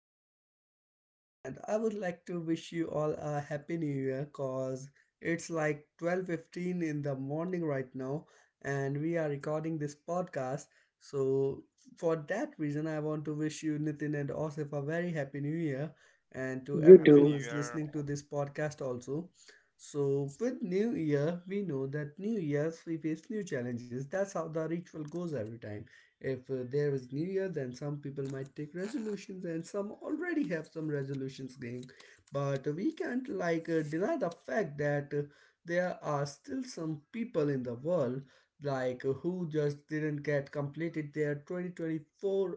podcast. And I would like to wish you all a happy new year because it's like 12:15 in the morning right now, and we are recording this podcast. So, for that reason, I want to wish you, Nitin and Osif, a very happy new year, and to You everyone Happy New who too. is Year. listening to this podcast also. So, with new year, we know that new years we face new challenges. That's how the ritual goes every time. If there is New Year, then some people might take resolutions, and some already have some resolutions going. But we can't like deny the fact that there are still some people in the world like who just didn't get completed their 2024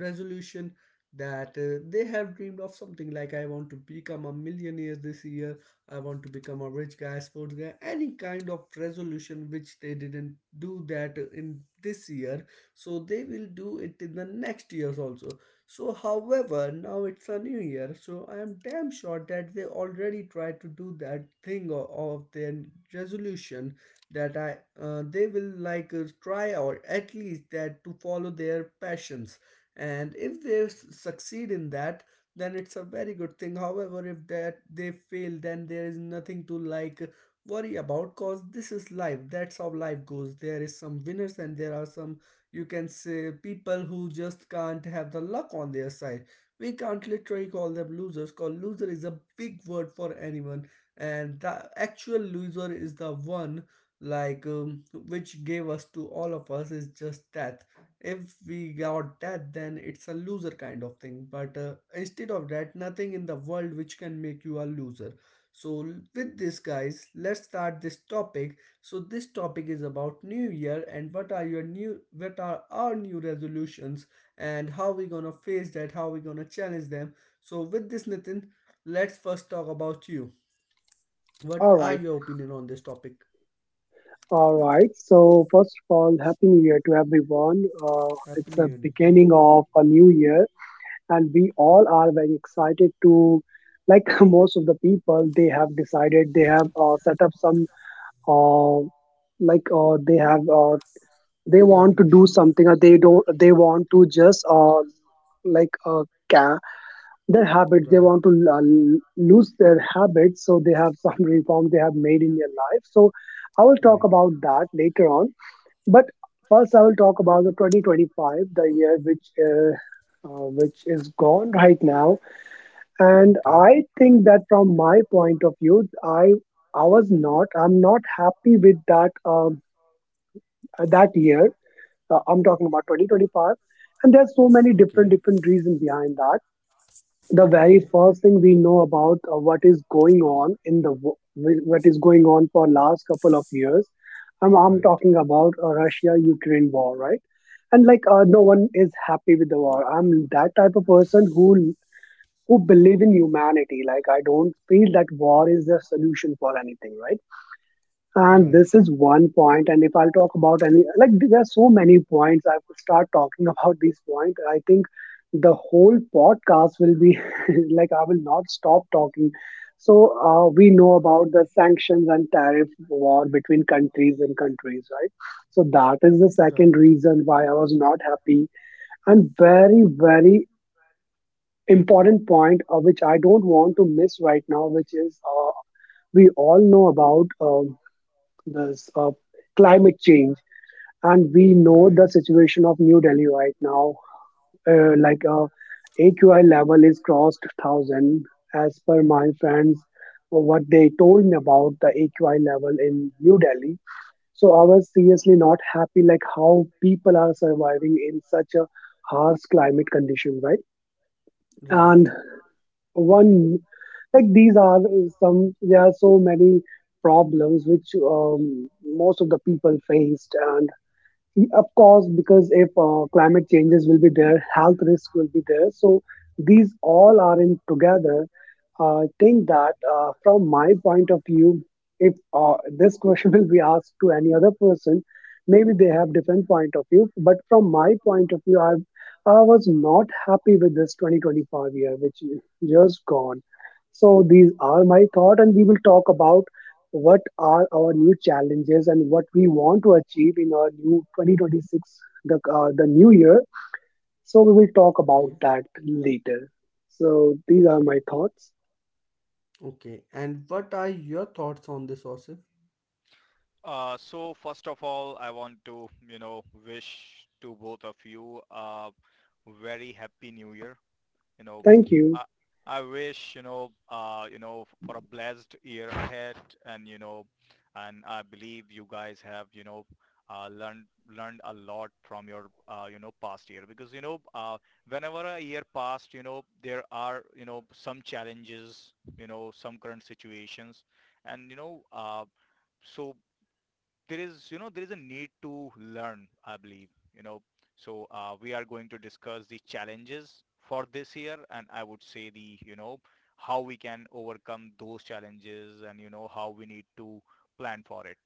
resolution that they have dreamed of something like I want to become a millionaire this year, I want to become a rich guy, sports guy, any kind of resolution which they didn't do that in this year, so they will do it in the next years also. So however, now it's a new year, so I am damn sure that they already tried to do that thing of their resolution, that I they will like try or at least that to follow their passions. And if they succeed in that, then it's a very good thing. However, if that they fail, then there is nothing to like worry about, cause this is life. That's how life goes. There is some winners and there are some, you can say, people who just can't have the luck on their side. We can't literally call them losers. Call loser is a big word for anyone. And the actual loser is the one like which gave us to all of us is just that if we got that, then it's a loser kind of thing. But instead of that, nothing in the world which can make you a loser. So with this, guys, let's start this topic. So this topic is about New Year and what are your new, what are our new resolutions, and how we gonna face that, how we gonna challenge them. So with this, Nitin, let's first talk about you. What All are right. your opinion on this topic? All right. So first of all, happy New Year to everyone. Happy It's New a Year, Nitin. beginning of a new year, and we all are very excited to, like most of the people, they have decided they have set up some, uh, they have they want to do Resolution. something or they don't they want to just like uh, ca their habits, they Right. want to lose their habits. So they have some reform they have made in their life, so I will talk Right. about that later on. But first I will talk about the 2025, the year which is gone right now. And Okay. I think that from my point of view, i I was not, I'm not happy with that that year. I'm talking about 2025, and there's so many different Okay. different reasons behind that. The very Okay. first thing we know about what is going on in the what is going on for last couple of years. I'm Right. talking about russia ukraine war, right? And no one is happy with the war. I'm that type of person who believe in humanity. Like I don't feel that war is the solution for anything, right? Right. And Right. this is one point. And if I'll talk about any, like there are so many points, I will start talking about these points. I think the whole podcast will be like I will not stop talking. So we know about the sanctions and tariff war between countries and countries, right? So that is the second reason why I was not happy. And very very important point, which I don't want to miss right now, which is we all know about. This climate change. And we know Right. the situation of New Delhi right now. Uh, like uh, AQI level is crossed thousand. As per my friends, what they told me about the AQI level in New Delhi. So I was seriously not happy, like how people are surviving in such a harsh climate condition, right? And Right. one, like these are some, there are so many problems which most of the people faced, and of course, because if climate changes will be there, health risk will be there. So these all are in together. I think that from my point of view, if this question will be asked to any other person, maybe they have different point of view. But from my point of view, I was not happy with this 2025 year, which is just gone. So these are my thought, and we will talk about what are our new challenges and what we want to achieve in our new 2026, the new year. So we will talk about Okay. that later. So these are my thoughts. Okay. And what are your thoughts on this, Osif? So first of all, I want to, wish to both of you a very happy New Year. you know, Thank Okay. you. I, I wish, for a blessed year ahead, and, I believe you guys have, uh, learned learned a lot from your past year, because whenever a year passed, there are, some challenges, some current situations, and so there is, there is a need to learn, I believe, you know so we are going to discuss the challenges for this year, and I would say, the you know how we can overcome those challenges and how we need to plan for it.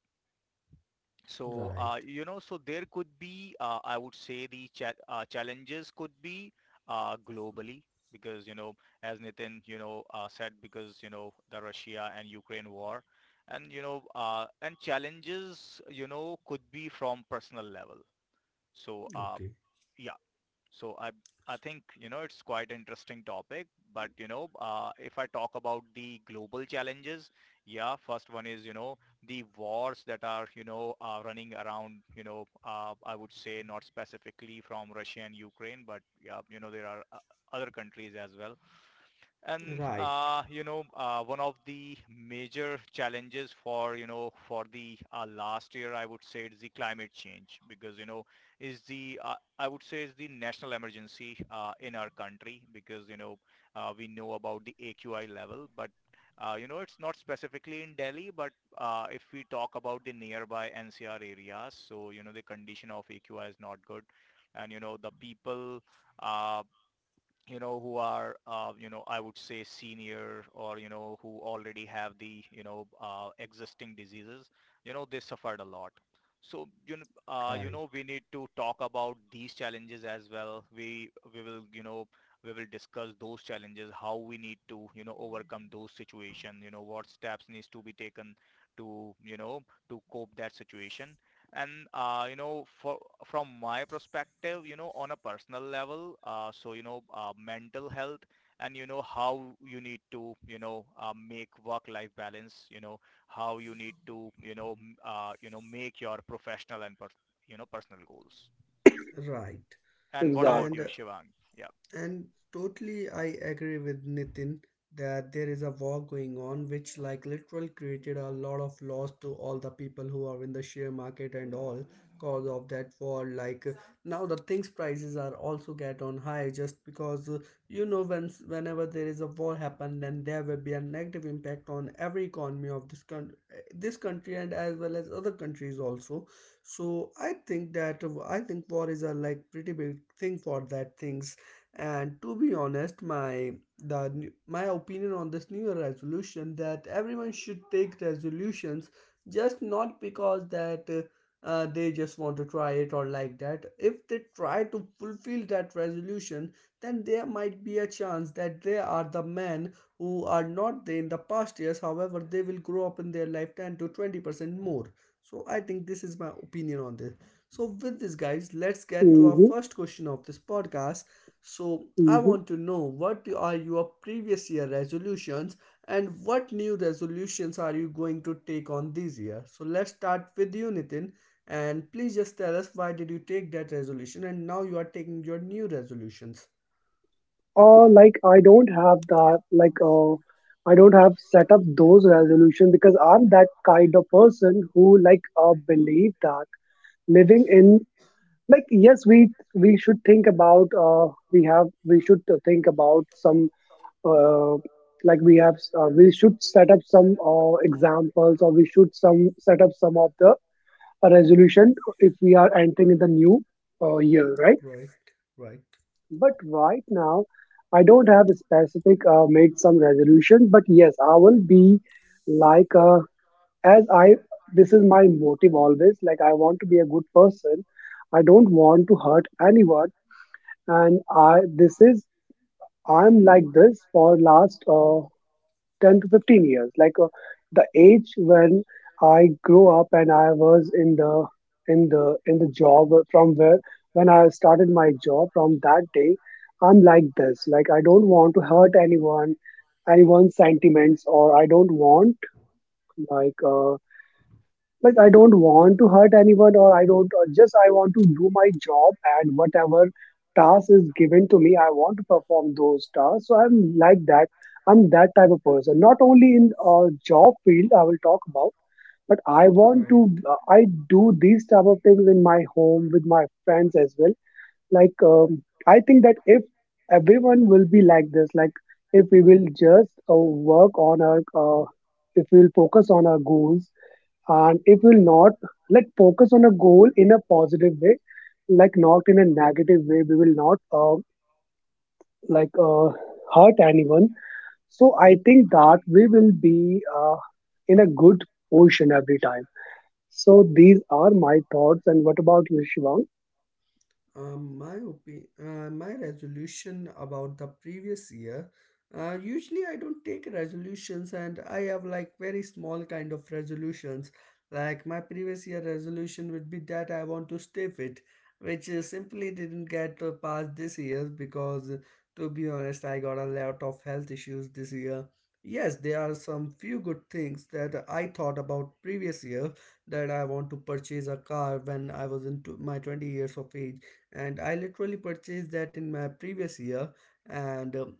So, Right. So there could be, I would say the challenges could be globally, because, as Nitin, said, because, the Russia and Ukraine war, and, and challenges, could be from personal level. So, Okay. yeah, so I I think, it's quite interesting topic, but if I talk about the global challenges, yeah, first one is, the wars that are, running around, I would say not specifically from Russia and Ukraine, but yeah, there are other countries as well. And Right. One of the major challenges for, for the last year, I would say, is the climate change, because is the, I would say is the national emergency in our country, because we know about the AQI level, but it's not specifically in Delhi, but if we talk about the nearby NCR areas, so the condition of AQI is not good, and the people. Uh, who are, I would say senior or, who already have the, existing diseases, they suffered a lot. So, Right. We need to talk about these challenges as well. We will, we will discuss those challenges, how we need to, overcome those situations, what steps needs to be taken to, to cope that situation. And for, from my perspective, on a personal level, mental health and how you need to, make work-life balance. How you need to, make your professional and per, personal goals. Right. And what about Exactly. And you, uh, Shivang? And totally, I agree with Nitin that there is a war going on, which like literal created a lot of loss to all the people who are in the share market and all cause of that war. Like now, the things prices are also get on high just because you know when whenever there is a war happen, then there will be a negative impact on every economy of this country and as well as other countries also. So I think that I think war is a like pretty big thing for that things. And to be honest, my, my opinion on this new year resolution that everyone should take resolutions just not because that they just want to try it or like that. If they try to fulfill that resolution, then there might be a chance that they are the men who are not there in the past years. However, they will grow up in their life 10 to 20% more. So I think this is my opinion on this. So with this, guys, let's get to our Mm-hmm, first question of this podcast. So, I mm-hmm. want to know what are your previous year resolutions and what new resolutions are you going to take on this year? So, let's start with you, Nitin. And please just tell us why did you take that resolution and now you are taking your new resolutions. Like I don't have that I don't have set up those resolutions because I'm that kind of person who believe that living in, like yes, we should think about we should think about some uh, like we should set up some examples, or we should some set up some of the resolution if we are entering in the new year, right? Right, right, But right now I don't have a specific made some resolution. But yes, I will be like uh, as I this is my motive always. Like I want to be a good person. I don't want to hurt anyone. And i this is I'm like this for last 10 to 15 years. The age when I grew up and I was in the in the job from where when I started my job, from that day I'm like this. Like I don't want to hurt anyone, anyone's sentiments, or I don't want like uh, I don't want to hurt anyone, or I don't, or just I want to do my job, and whatever task is given to me I want to perform those tasks. So I'm like that. I'm that type of person not only in job field I will talk about, but I right, want to right. I do these type of things in my home with my friends as well. like um, I think that if everyone will be like this, like if we will just work on our uh, if we will focus on our goals, and it will not, like focus on a goal in a positive way, like not in a negative way, we will not like uh, hurt anyone. So I think that we will be in a good position every time. So these are my thoughts, and what about you, shivang? My my resolution about the previous year. Usually, I don't take resolutions, and I have like very small kind of resolutions. Like my previous year resolution would be that I want to stay fit, which simply didn't get past this year because to be honest, I got a lot of health issues this year. Yes, there are some few good things that I thought about previous year, that I want to purchase a car when I was in my 20 years of age, and I literally purchased that in my previous year. And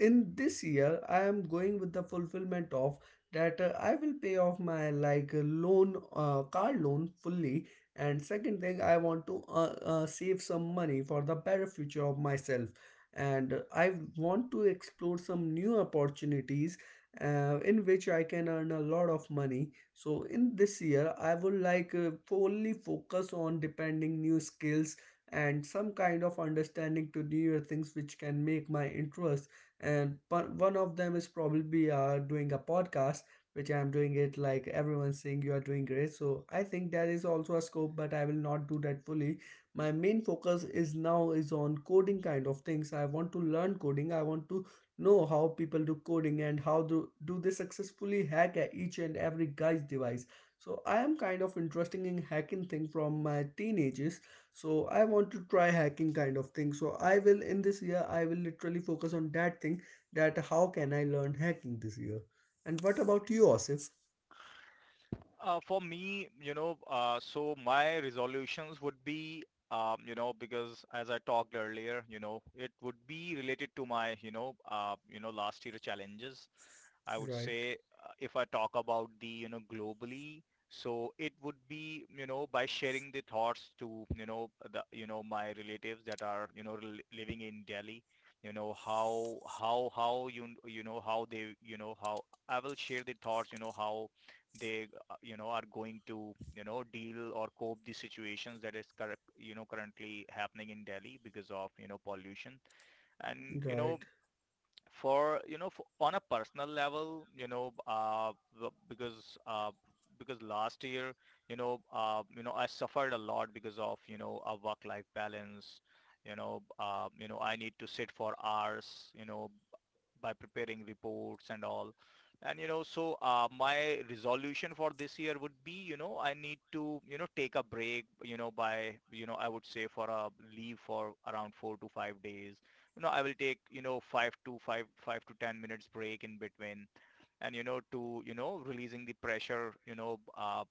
in this year, I am going with the fulfillment of that I will pay off my like loan, car loan fully. And second thing, I want to save some money for the better future of myself. And I want to explore some new opportunities in which I can earn a lot of money. So in this year, I would like fully focus on depending new skills and some kind of understanding to newer things which can make my interest. And but one of them is probably doing a podcast, which I'm doing it like everyone's saying you are doing great. So I think that is also a scope, but I will not do that fully. My main focus is now is on coding kind of things. I want to learn coding. I want to know how people do coding and how do they successfully hack each and every guy's device. So I am kind of interested in hacking thing from my teenagers, so I want to try hacking kind of thing. So I will, in this year I will literally focus on that thing, that how can I learn hacking this year. And what about you, Osif? For me, so my resolutions would be, because as I talked earlier, it would be related to my, last year challenges. I would Right. say, if I talk about the, globally, so it would be, by sharing the thoughts to, my relatives that are, living in Delhi, how you, you know, how they, you know, how I will share the thoughts, how they, are going to, deal or cope the situations that is, currently happening in Delhi because of, pollution. And Right. On a personal level, b- because uh, because last year, I suffered a lot because of, a work life balance. I need to sit for hours, by preparing reports and all. And my resolution for this year would be, I need to, take a break, you know by you know I would say for a leave for around 4 to 5 days. I will take, 5 to 5 to 10 minutes break in between, and to, releasing the pressure,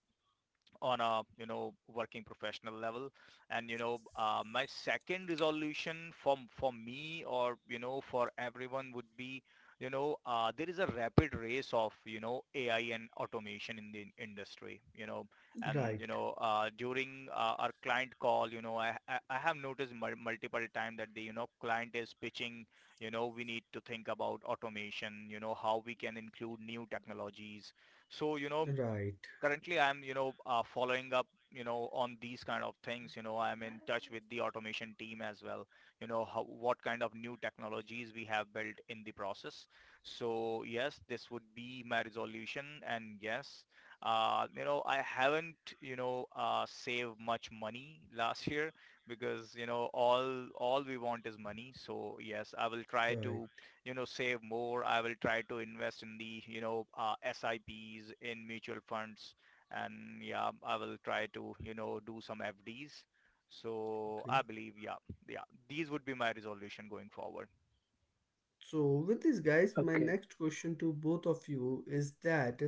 on a, working professional level. And my second resolution for me, or for everyone would be, there is a rapid race of, AI and automation in the industry, and Right. During our client call, I have noticed multiple times that the, client is pitching, we need to think about automation, how we can include new technologies. So Right. currently I'm, following up, on these kind of things. You know, I'm in touch with the automation team as well. You know, how, what kind of new technologies we have built in the process. So yes, this would be my resolution. And yes, you know, I haven't, saved much money last year, because, all we want is money. So yes, I will try Right. to, you know, save more. I will try to invest in the, SIPs in mutual funds. And yeah, I will try to, do some FDs. So I Okay. believe, yeah, these would be my resolution going forward. So, with this, guys, my Okay. next question to both of you is that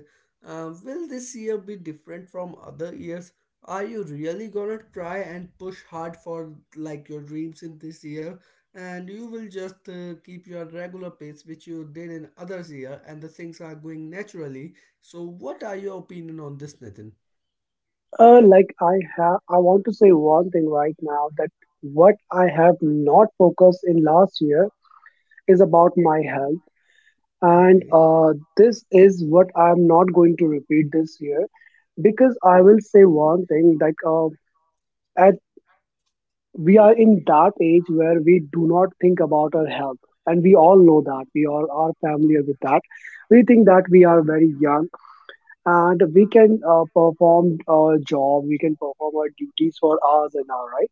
will this year be different from other years? Are you really gonna try and push hard for like your dreams in this year? And you will just keep your regular pace, which you did in others year, and the things are going naturally. So, what are your opinion on this, Nathan? Like I have, I want to say one thing right now, that what I have not focused in last year is about my health. And Okay. This is what I'm not going to repeat this year. Because I will say one thing, at we are in that age where we do not think about our health. And we all know that, we all are familiar with that. We think that we are very young, and we can perform our job, we can perform our duties for hours and hours, right?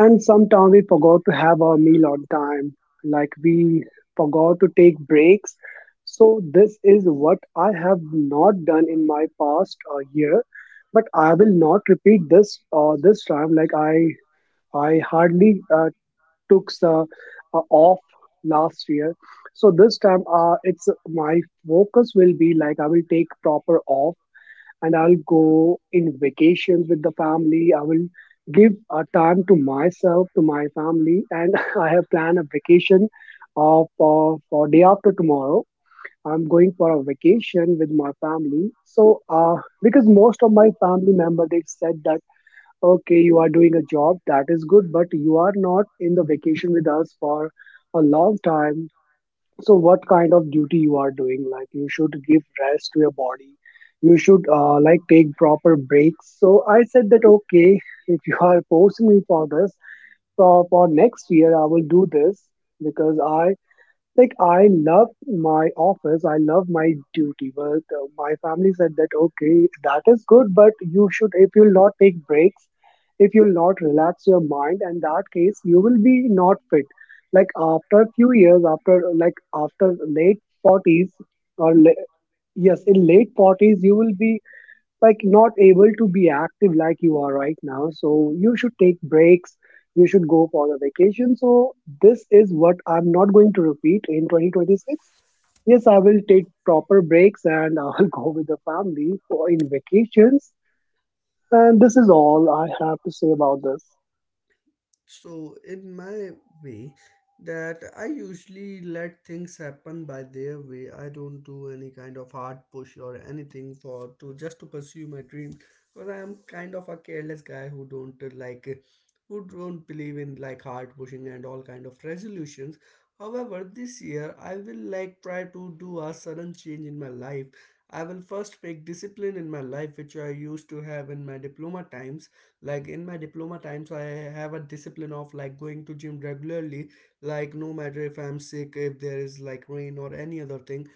And sometimes we forgot to have our meal on time, like we forgot to take breaks. So this is what I have not done in my past year, but I will not repeat this this time. I hardly took off last year, so this time it's my focus will be like I will take proper off, and I'll go in vacations with the family. I will give a time to myself, to my family, and I have planned a vacation of for day after tomorrow. I'm going for a vacation with my family. So, because most of my family member they said that okay, you are doing a job that is good, but you are not in the vacation with us for a long time. So what kind of duty you are doing? Like you should give rest to your body, you should like take proper breaks. So I said that okay, if you are forcing me for this, for next year I will do this. Because I love my office, I love my duty, but my family said that okay, that is good, but you should, if you'll not take breaks, if you'll not relax your mind, in that case you will be not fit. Like after a few years, after like after late forties, or yes, in late forties you will be like not able to be active like you are right now. So you should take breaks, you should go for the vacation. So this is what I'm not going to repeat in 2026. Yes, I will take proper breaks and I'll go with the family for in vacations. And this is all I have to say about this. So, in my way, that I usually let things happen by their way. I don't do any kind of hard push or anything for to just to pursue my dream. Because I am kind of a careless guy who don't who don't believe in like hard pushing and all kind of resolutions. However, this year I will like try to do a sudden change in my life. I will first make discipline in my life, which I used to have in my diploma times. Like in my diploma times, I have a discipline of like going to gym regularly, like no matter if I'm sick, if there is like rain or any other thing.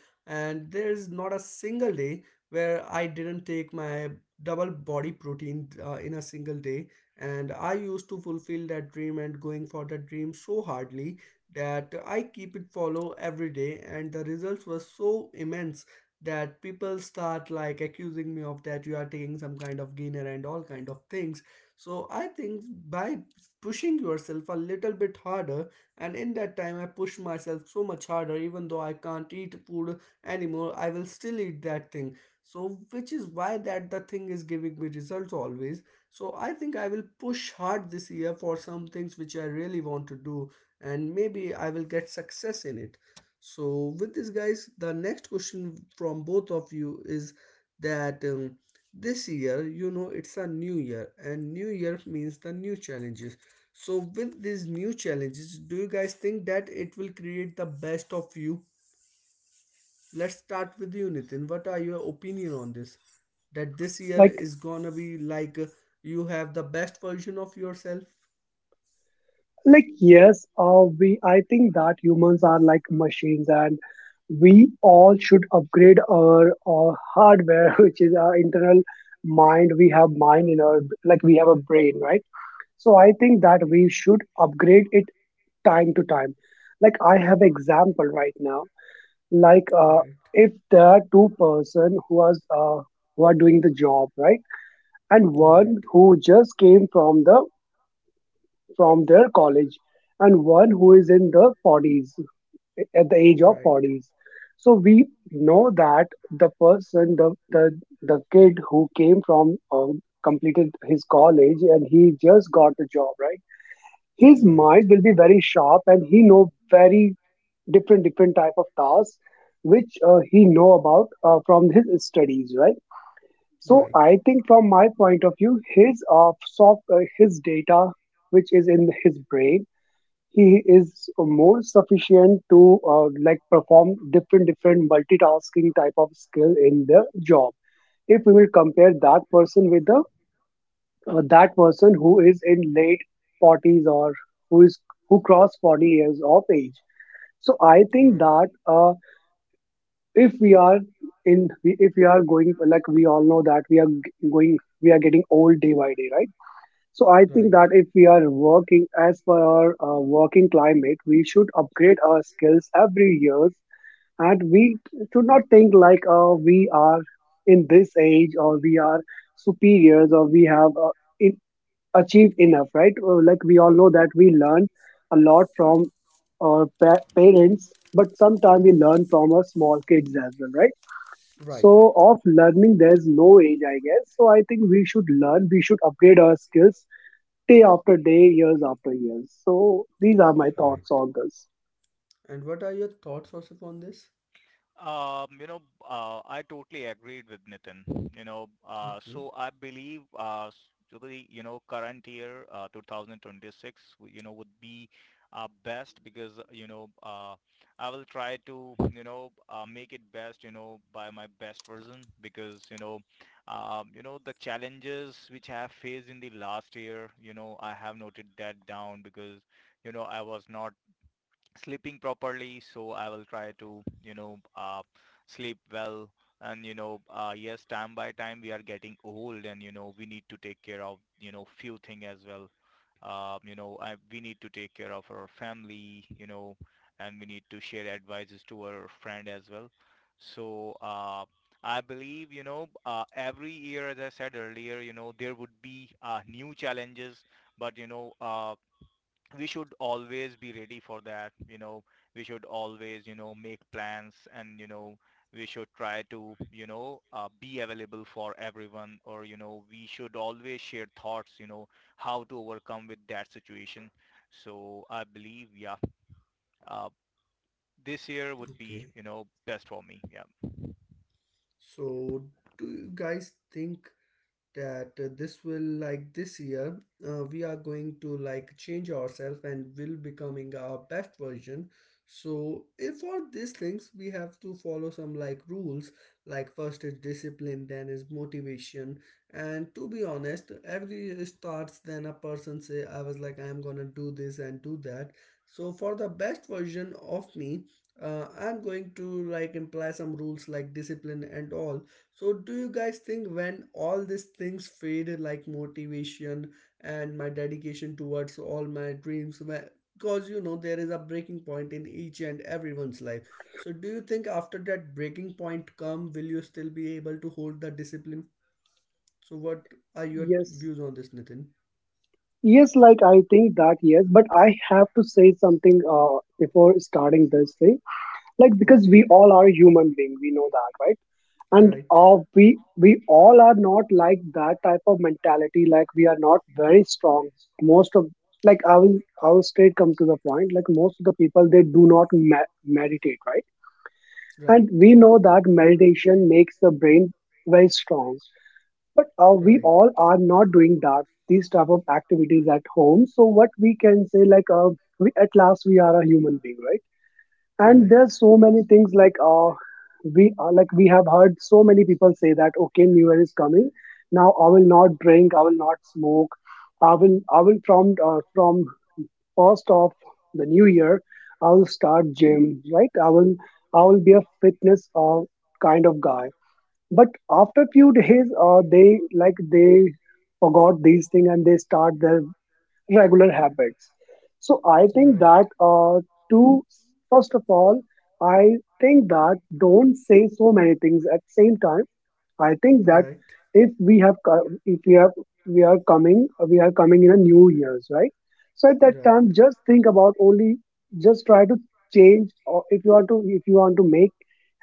And there's not a single day where I didn't take my double body protein in a single day. And I used to fulfill that dream and going for that dream so hardly that I keep it follow every day, and the results were so immense that people start like accusing me of that you are taking some kind of gainer and all kind of things. So I think by pushing yourself a little bit harder, and in that time I push myself so much harder, even though I can't eat food anymore, I will still eat that thing. So which is why that the thing is giving me results always. So I think I will push hard this year for some things which I really want to do, and maybe I will get success in it. So, with this, guys, the next question from both of you is that this year, you know, it's a new year, and new year means the new challenges. So, with these new challenges, do you guys think that it will create the best of you? Let's start with you, Nitin. What are your opinion on this? That this year like is gonna be like you have the best version of yourself. like yes, we, I think that humans are like machines, and we all should upgrade our, hardware which is our internal mind. We have mind in our, like we have a brain, right? So I think that we should upgrade it time to time. Like I have example right now. like uh, Right, if there are two-person who was who are doing the job, right? And right, one who just came from the from their college, and one who is in the 40s, at the age of right. 40s. So we know that the person, the kid who came from completed his college and he just got the job, right? His Right. mind will be very sharp and he know very different different type of tasks which he know about from his studies, right? So Right. I think from my point of view, his soft his data which is in his brain, he is more sufficient to like perform different different multitasking type of skill in the job, if we will compare that person with the that person who is in late 40s, or who is who crossed 40 years of age. So I think Right. that if we are in, if we are going, like we all know that we are going, we are getting old day by day, right? So I Right. Right. think that if we are working as per our working climate, we should upgrade our skills every year, and we should not think like we are in this age, or we are superiors, or we have it achieved enough, right? Like we all know that we learn a lot from our parents, but sometimes we learn from our small kids as well, right? So of learning, there's no age, I guess. So I think we should learn, we should upgrade our skills day after day, years after years. So these are my Right. thoughts on this. And what are your thoughts, Osip, on this? Um, you know, I totally agreed with Nitin. Okay. So I believe, to the, current year, 2026, would be best, because, I will try to, make it best, by my best version, because, the challenges which I have faced in the last year, I have noted that down, because, I was not sleeping properly, so I will try to, sleep well. And yes, time by time we are getting old, and we need to take care of, few things as well. We need to take care of our family, and we need to share advices to our friend as well. So I believe every year, as I said earlier, there would be new challenges, but we should always be ready for that. We should always, make plans, and we should try to, be available for everyone, or we should always share thoughts, how to overcome with that situation. So I believe, yeah, uh, this year would be, Okay. Best for me. Yeah. So, do you guys think that this will like this year, we are going to like change ourselves and will becoming our best version. So if for these things we have to follow some like rules, like first is discipline then is motivation. And to be honest every starts then a person say I was like I am gonna do this and do that. So for the best version of me, I'm going to like imply some rules like discipline and all. So, do you guys think when all these things fade, like motivation and my dedication towards all my dreams, because you know there is a breaking point in each and everyone's life. So, do you think after that breaking point come, will you still be able to hold the discipline? So, what are your Yes. views on this, Nitin? Yes, like I think that yes, but I have to say something before starting this thing. Like because we Okay, all are human being, we know that, right? And right. We all are not like that type of mentality. Like we are not very strong. Most of like I will straight come to the point. Like most of the people they do not meditate, right? And Right. we know that meditation makes the brain very strong. But we Right. all are not doing that these type of activities at home. So what we can say, like, we at last we are a human being, right? And Right. there's so many things like we are like we have heard so many people say that okay, New Year is coming. Now I will not drink. I will not smoke. I will from first of the new year. I will start gym, right? I will be a fitness kind of guy, but after few days they like they forgot these things and they start their regular habits. So I Right. think Right. that to first of all I think that don't say so many things at same time. I think that if we have we are coming in a new year's, right. So at that Right. time, just think about only just try to change, or if you want to if you want to make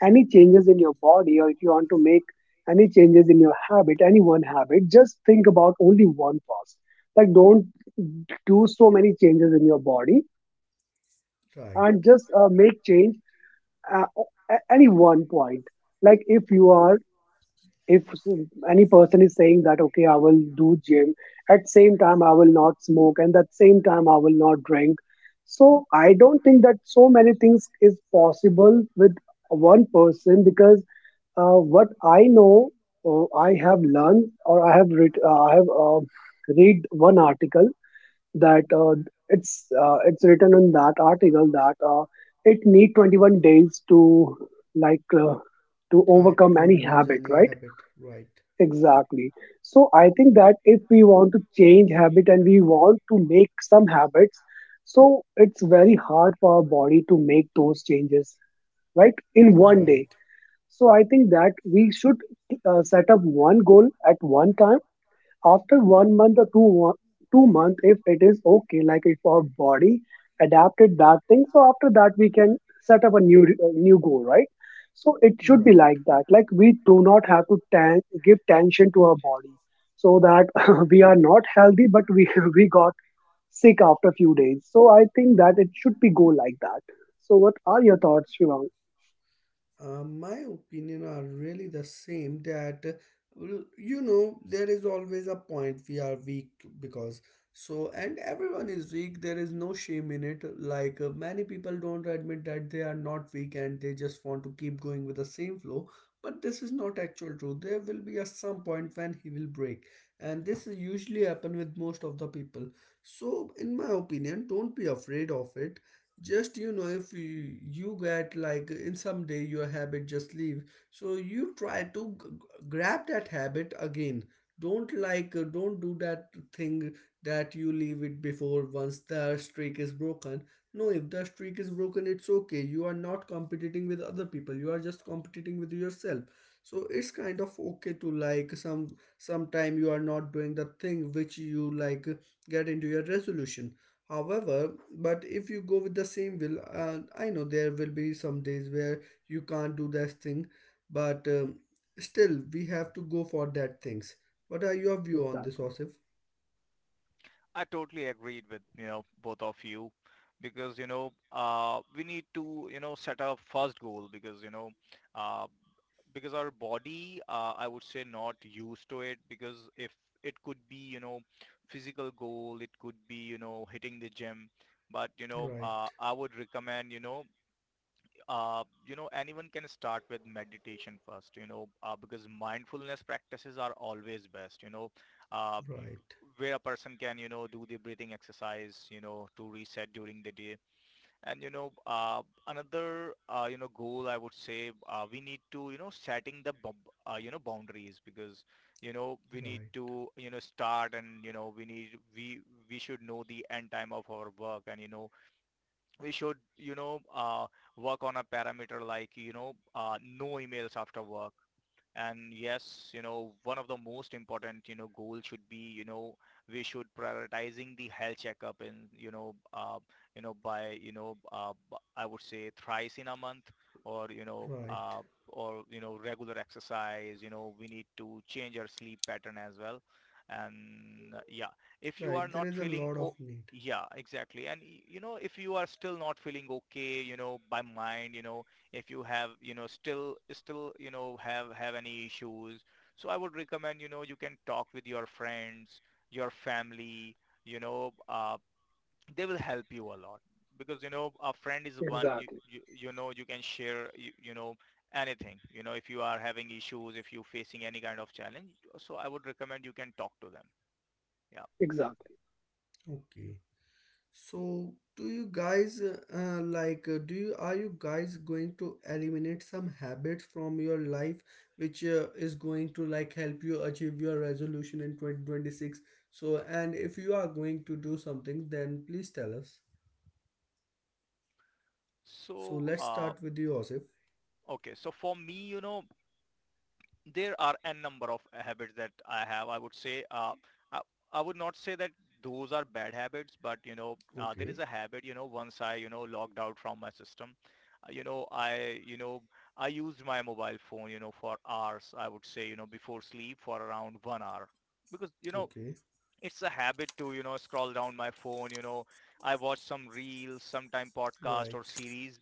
any changes in your body, or if you want to make any changes in your habit, any one habit, just think about only one first. Like don't do so many changes in your body Right. and just make change uh, at any one point. Like if you are if s- any person is saying that okay I will do gym, at same time I will not smoke, and at same time I will not drink. So I don't think that so many things is possible with one person because what I know or I have learned or I have read, I have read one article that it's it's written in that article that it need 21 days to like uh, to Right. overcome To any lose habit, any right. habit. Right. Exactly. So I think that if we want to change habit and we want to make some habits, so it's very hard for our body to make those changes, right? In one day. Right. So I think that we should set up one goal at one time. After 1 month or 2 month, if it is okay, like if our body adapted that thing, so after that we can set up a new new goal, right? So it should be Right. like that. Like we do not have to give tension to our body, so that we are not healthy, but we we got sick after few days. So I think that it should be go like that. So what are your thoughts, Shivang? My opinion are really the same that well, you know there is always a point we are weak, because so and everyone is weak, there is no shame in it, like many people don't admit that they are not weak and they just want to keep going with the same flow. But this is not actual truth, there will be a some point when he will break, and this is usually happen with most of the people. So in my opinion don't be afraid of it. Just you know if you get like in some day your habit just leave, so you try to grab that habit again. Don't like don't do that thing that you leave it before once the streak is broken. No, if the streak is broken, it's okay, you are not competing with other people, you are just competing with yourself. So it's kind of okay to like some sometime you are not doing the thing which you like, get into your resolution. However, but if you go with the same will, I know there will be some days where you can't do that thing, but still we have to go for that things. What are your view on this, Exactly, Osif? I totally agreed with, both of you, because, we need to, set a first goal, because, uh, because our body, I would say not used to it, because if it could be, physical goal, it could be, hitting the gym. But, Right, I would recommend, anyone can start with meditation first, because mindfulness practices are always best, right, where a person can, do the breathing exercise, to reset during the day. And, another, goal I would say, we need to, setting the, boundaries, because, we need right, to, start, and, we should know the end time of our work, and, we should, work on a parameter, like no emails after work. And yes, one of the most important, goal should be, we should prioritizing the health checkup in, by, I would say thrice in a month, or, right, or, regular exercise, we need to change our sleep pattern as well. And yeah, if you right. are There not is a feeling, lot of oh, need. yeah, exactly. And you know, if you are still not feeling okay, you know, by mind, you know, if you have, still have any issues, so I would recommend, you can talk with your friends, your family, you know uh, they will help you a lot, because a friend is one, exactly, you can share, anything, if you are having issues, if you're facing any kind of challenge, so I would recommend you can talk to them. Yeah. exactly. Okay. So, do you guys like do you are you guys going to eliminate some habits from your life which is going to like help you achieve your resolution in 2026? So, and if you are going to do something, then please tell us. So, so let's uh start with you, Osif. okay, so for me, there are n number of habits that I have. I would say, I, I would not say that those are bad habits, but there is Okay. a habit. You know, once I, logged out from my system, uh, you know I you know I used my mobile phone, for hours. I would say before sleep for around 1 hour, because Okay. it's a habit to, scroll down my phone. You know, I watch some reels, sometime podcast Right. or series,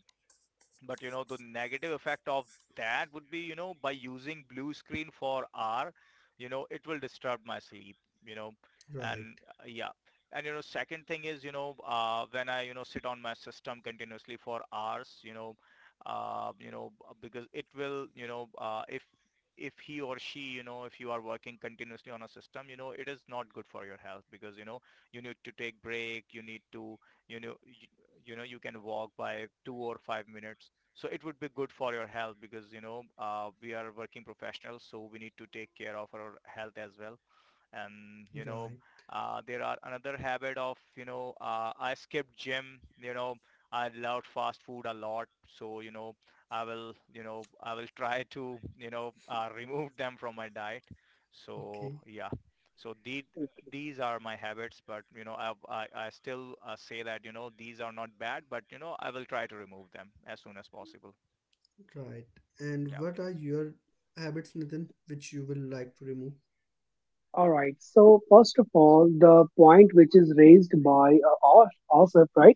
but you know, the negative effect of that would be, by using blue screen for hour, it will disturb my sleep, you know, Right. and yeah. And you know, second thing is, when I, sit on my system continuously for hours, because it will, if he or she, if you are working continuously on a system, it is not good for your health, because, you need to take break, you need to, you know, y- you can walk by 2 or 5 minutes, so it would be good for your health, because, we are working professionals, so we need to take care of our health as well. And Right. There are another habit of, I skipped gym, I loved fast food a lot, so I will, I will try to, remove them from my diet. So Okay. yeah, so the, these are my habits, but I still, say that, these are not bad, but I will try to remove them as soon as possible. Right. And Yeah. what are your habits, Nathan, which you will like to remove? All right. So first of all, the point which is raised by Asif, right?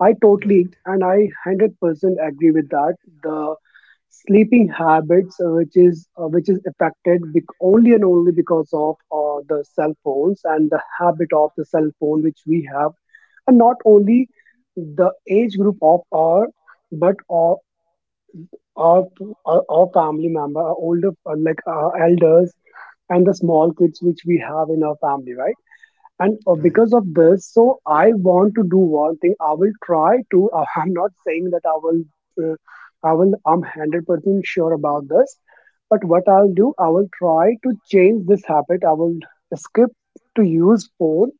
I Right. totally Right. and I 100% agree with that. The sleeping habits, which is affected only and only because of the cell phones and the habit of the cell phone which we have, and not only the age group of our, but our, our family member, our older like our elders and the small kids which we have in our family, right? And because Right. of this, so I want to do one thing. I will try to I'm not saying that I will uh, I will I'm 100% sure about this, but what I'll do, I will try to change this habit. I will skip to use phone,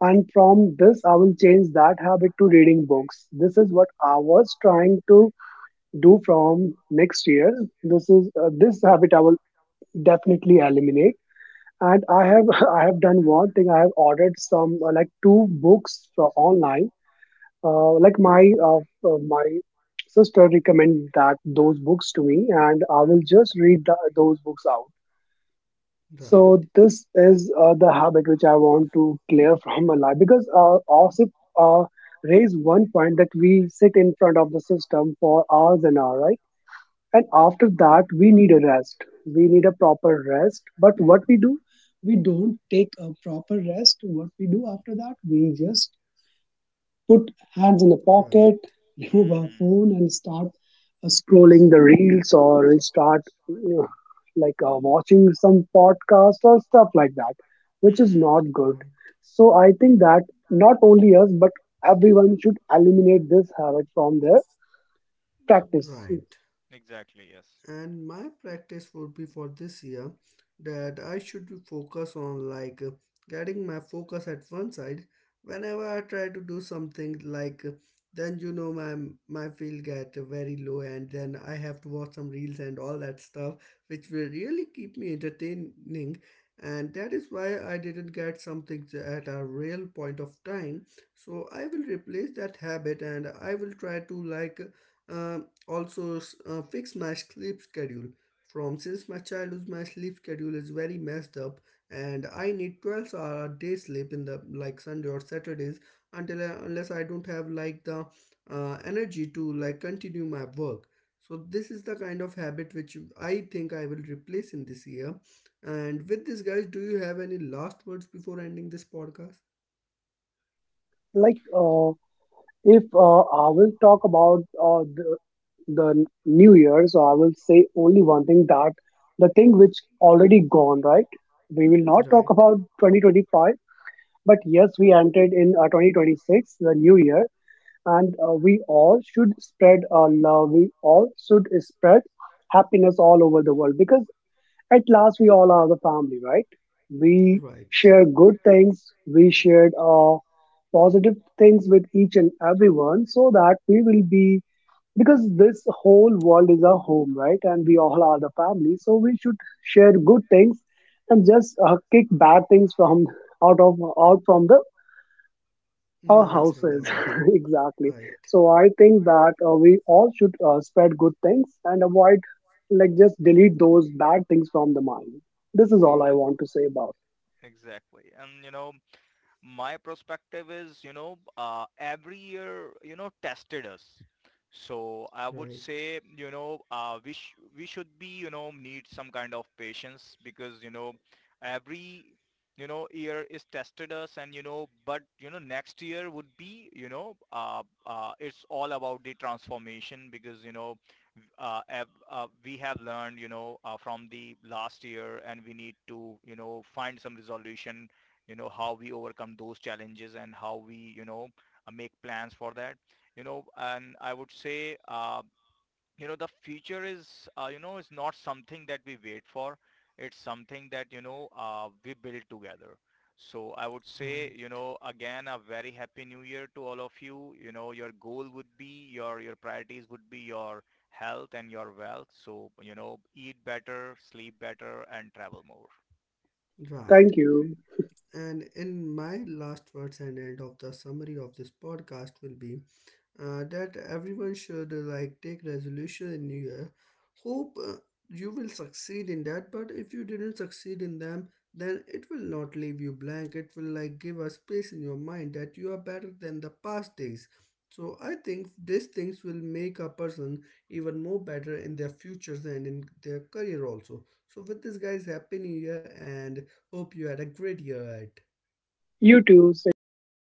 and from this I will change that habit to reading books. This is what I was trying to do from next year. This is this habit I will definitely eliminate. And I have I have done one thing. I have ordered some like two books from online, uh, like my uh, my sister recommended that those books to me, and I will just read the, those books out. So this is the habit which I want to clear from my life because also uh, raise one point that we sit in front of the system for hours and hours, and after that we need a rest. We need a proper rest, but what we do, we don't take a proper rest. What we do after that, we just put hands in the pocket, remove our Mhm. phone and start scrolling the reels, or we start, you know, like watching some podcast or stuff like that, which is Mhm. not Right. good. Right. So I think that not only us, but everyone should eliminate this habit from their practice. Right. Exactly, yes. And my practice would be for this year that I should be focus on like getting my focus at one side. Whenever I try to do something like then you know my my feel get very low and then I have to watch some reels and all that stuff which will really keep me entertaining, and that is why I didn't get something at a real point of time. So I will replace that habit and I will try to like uh, also fix my sleep schedule. From since my childhood my sleep schedule is very messed up, and I need 12-hour day sleep in the like sunday or saturdays, until unless I don't have like the energy to like continue my work. So this is the kind of habit which I think I will replace in this year. And with this guys, do you have any last words before ending this podcast? like uh, If I will talk about the New Year, so I will say only one thing, that the thing which already gone, right? We will not talk Right. about 2025, but yes, we entered in 2026, the New Year, and we all should spread love. We all should spread happiness all over the world because at last, we all are the family, right? We Right. share good things, we shared positive things with each and everyone, so that we will be, because this whole world is our home, right? And we all are the family. So we should share good things and just kick bad things from out of out from the our Minds and houses, everything. exactly. Right. So I think that we all should spread good things and avoid, like, just delete those bad things from the mind. This is all I Exa- want to say about. exactly. And my perspective is, every year, tested us. So I would Right, say, we should be, need some kind of patience, because, every, year is tested us, and, next year would be, it's all about the transformation, because, uh, we have learned, from the last year, and we need to, find some resolution, how we overcome those challenges, and how we, make plans for that. You know, and I would say, the future is, is not something that we wait for, it's something that, we build together. So I would say, right, again a very happy new year to all of you. You know Your goal would be, your priorities would be your health and your wealth. So eat better, sleep better, and travel more. right. Thank you. And in my last words and end of the summary of this podcast will be that everyone should like take resolution in New Year. Hope you will succeed in that, but if you didn't succeed in them, then it will not leave you blank. It will like give a space in your mind that you are better than the past days. So I think these things will make a person even more better in their futures and in their career also. So with this guys, happy new year and hope you had a great year ahead. You too. Same You to too. you.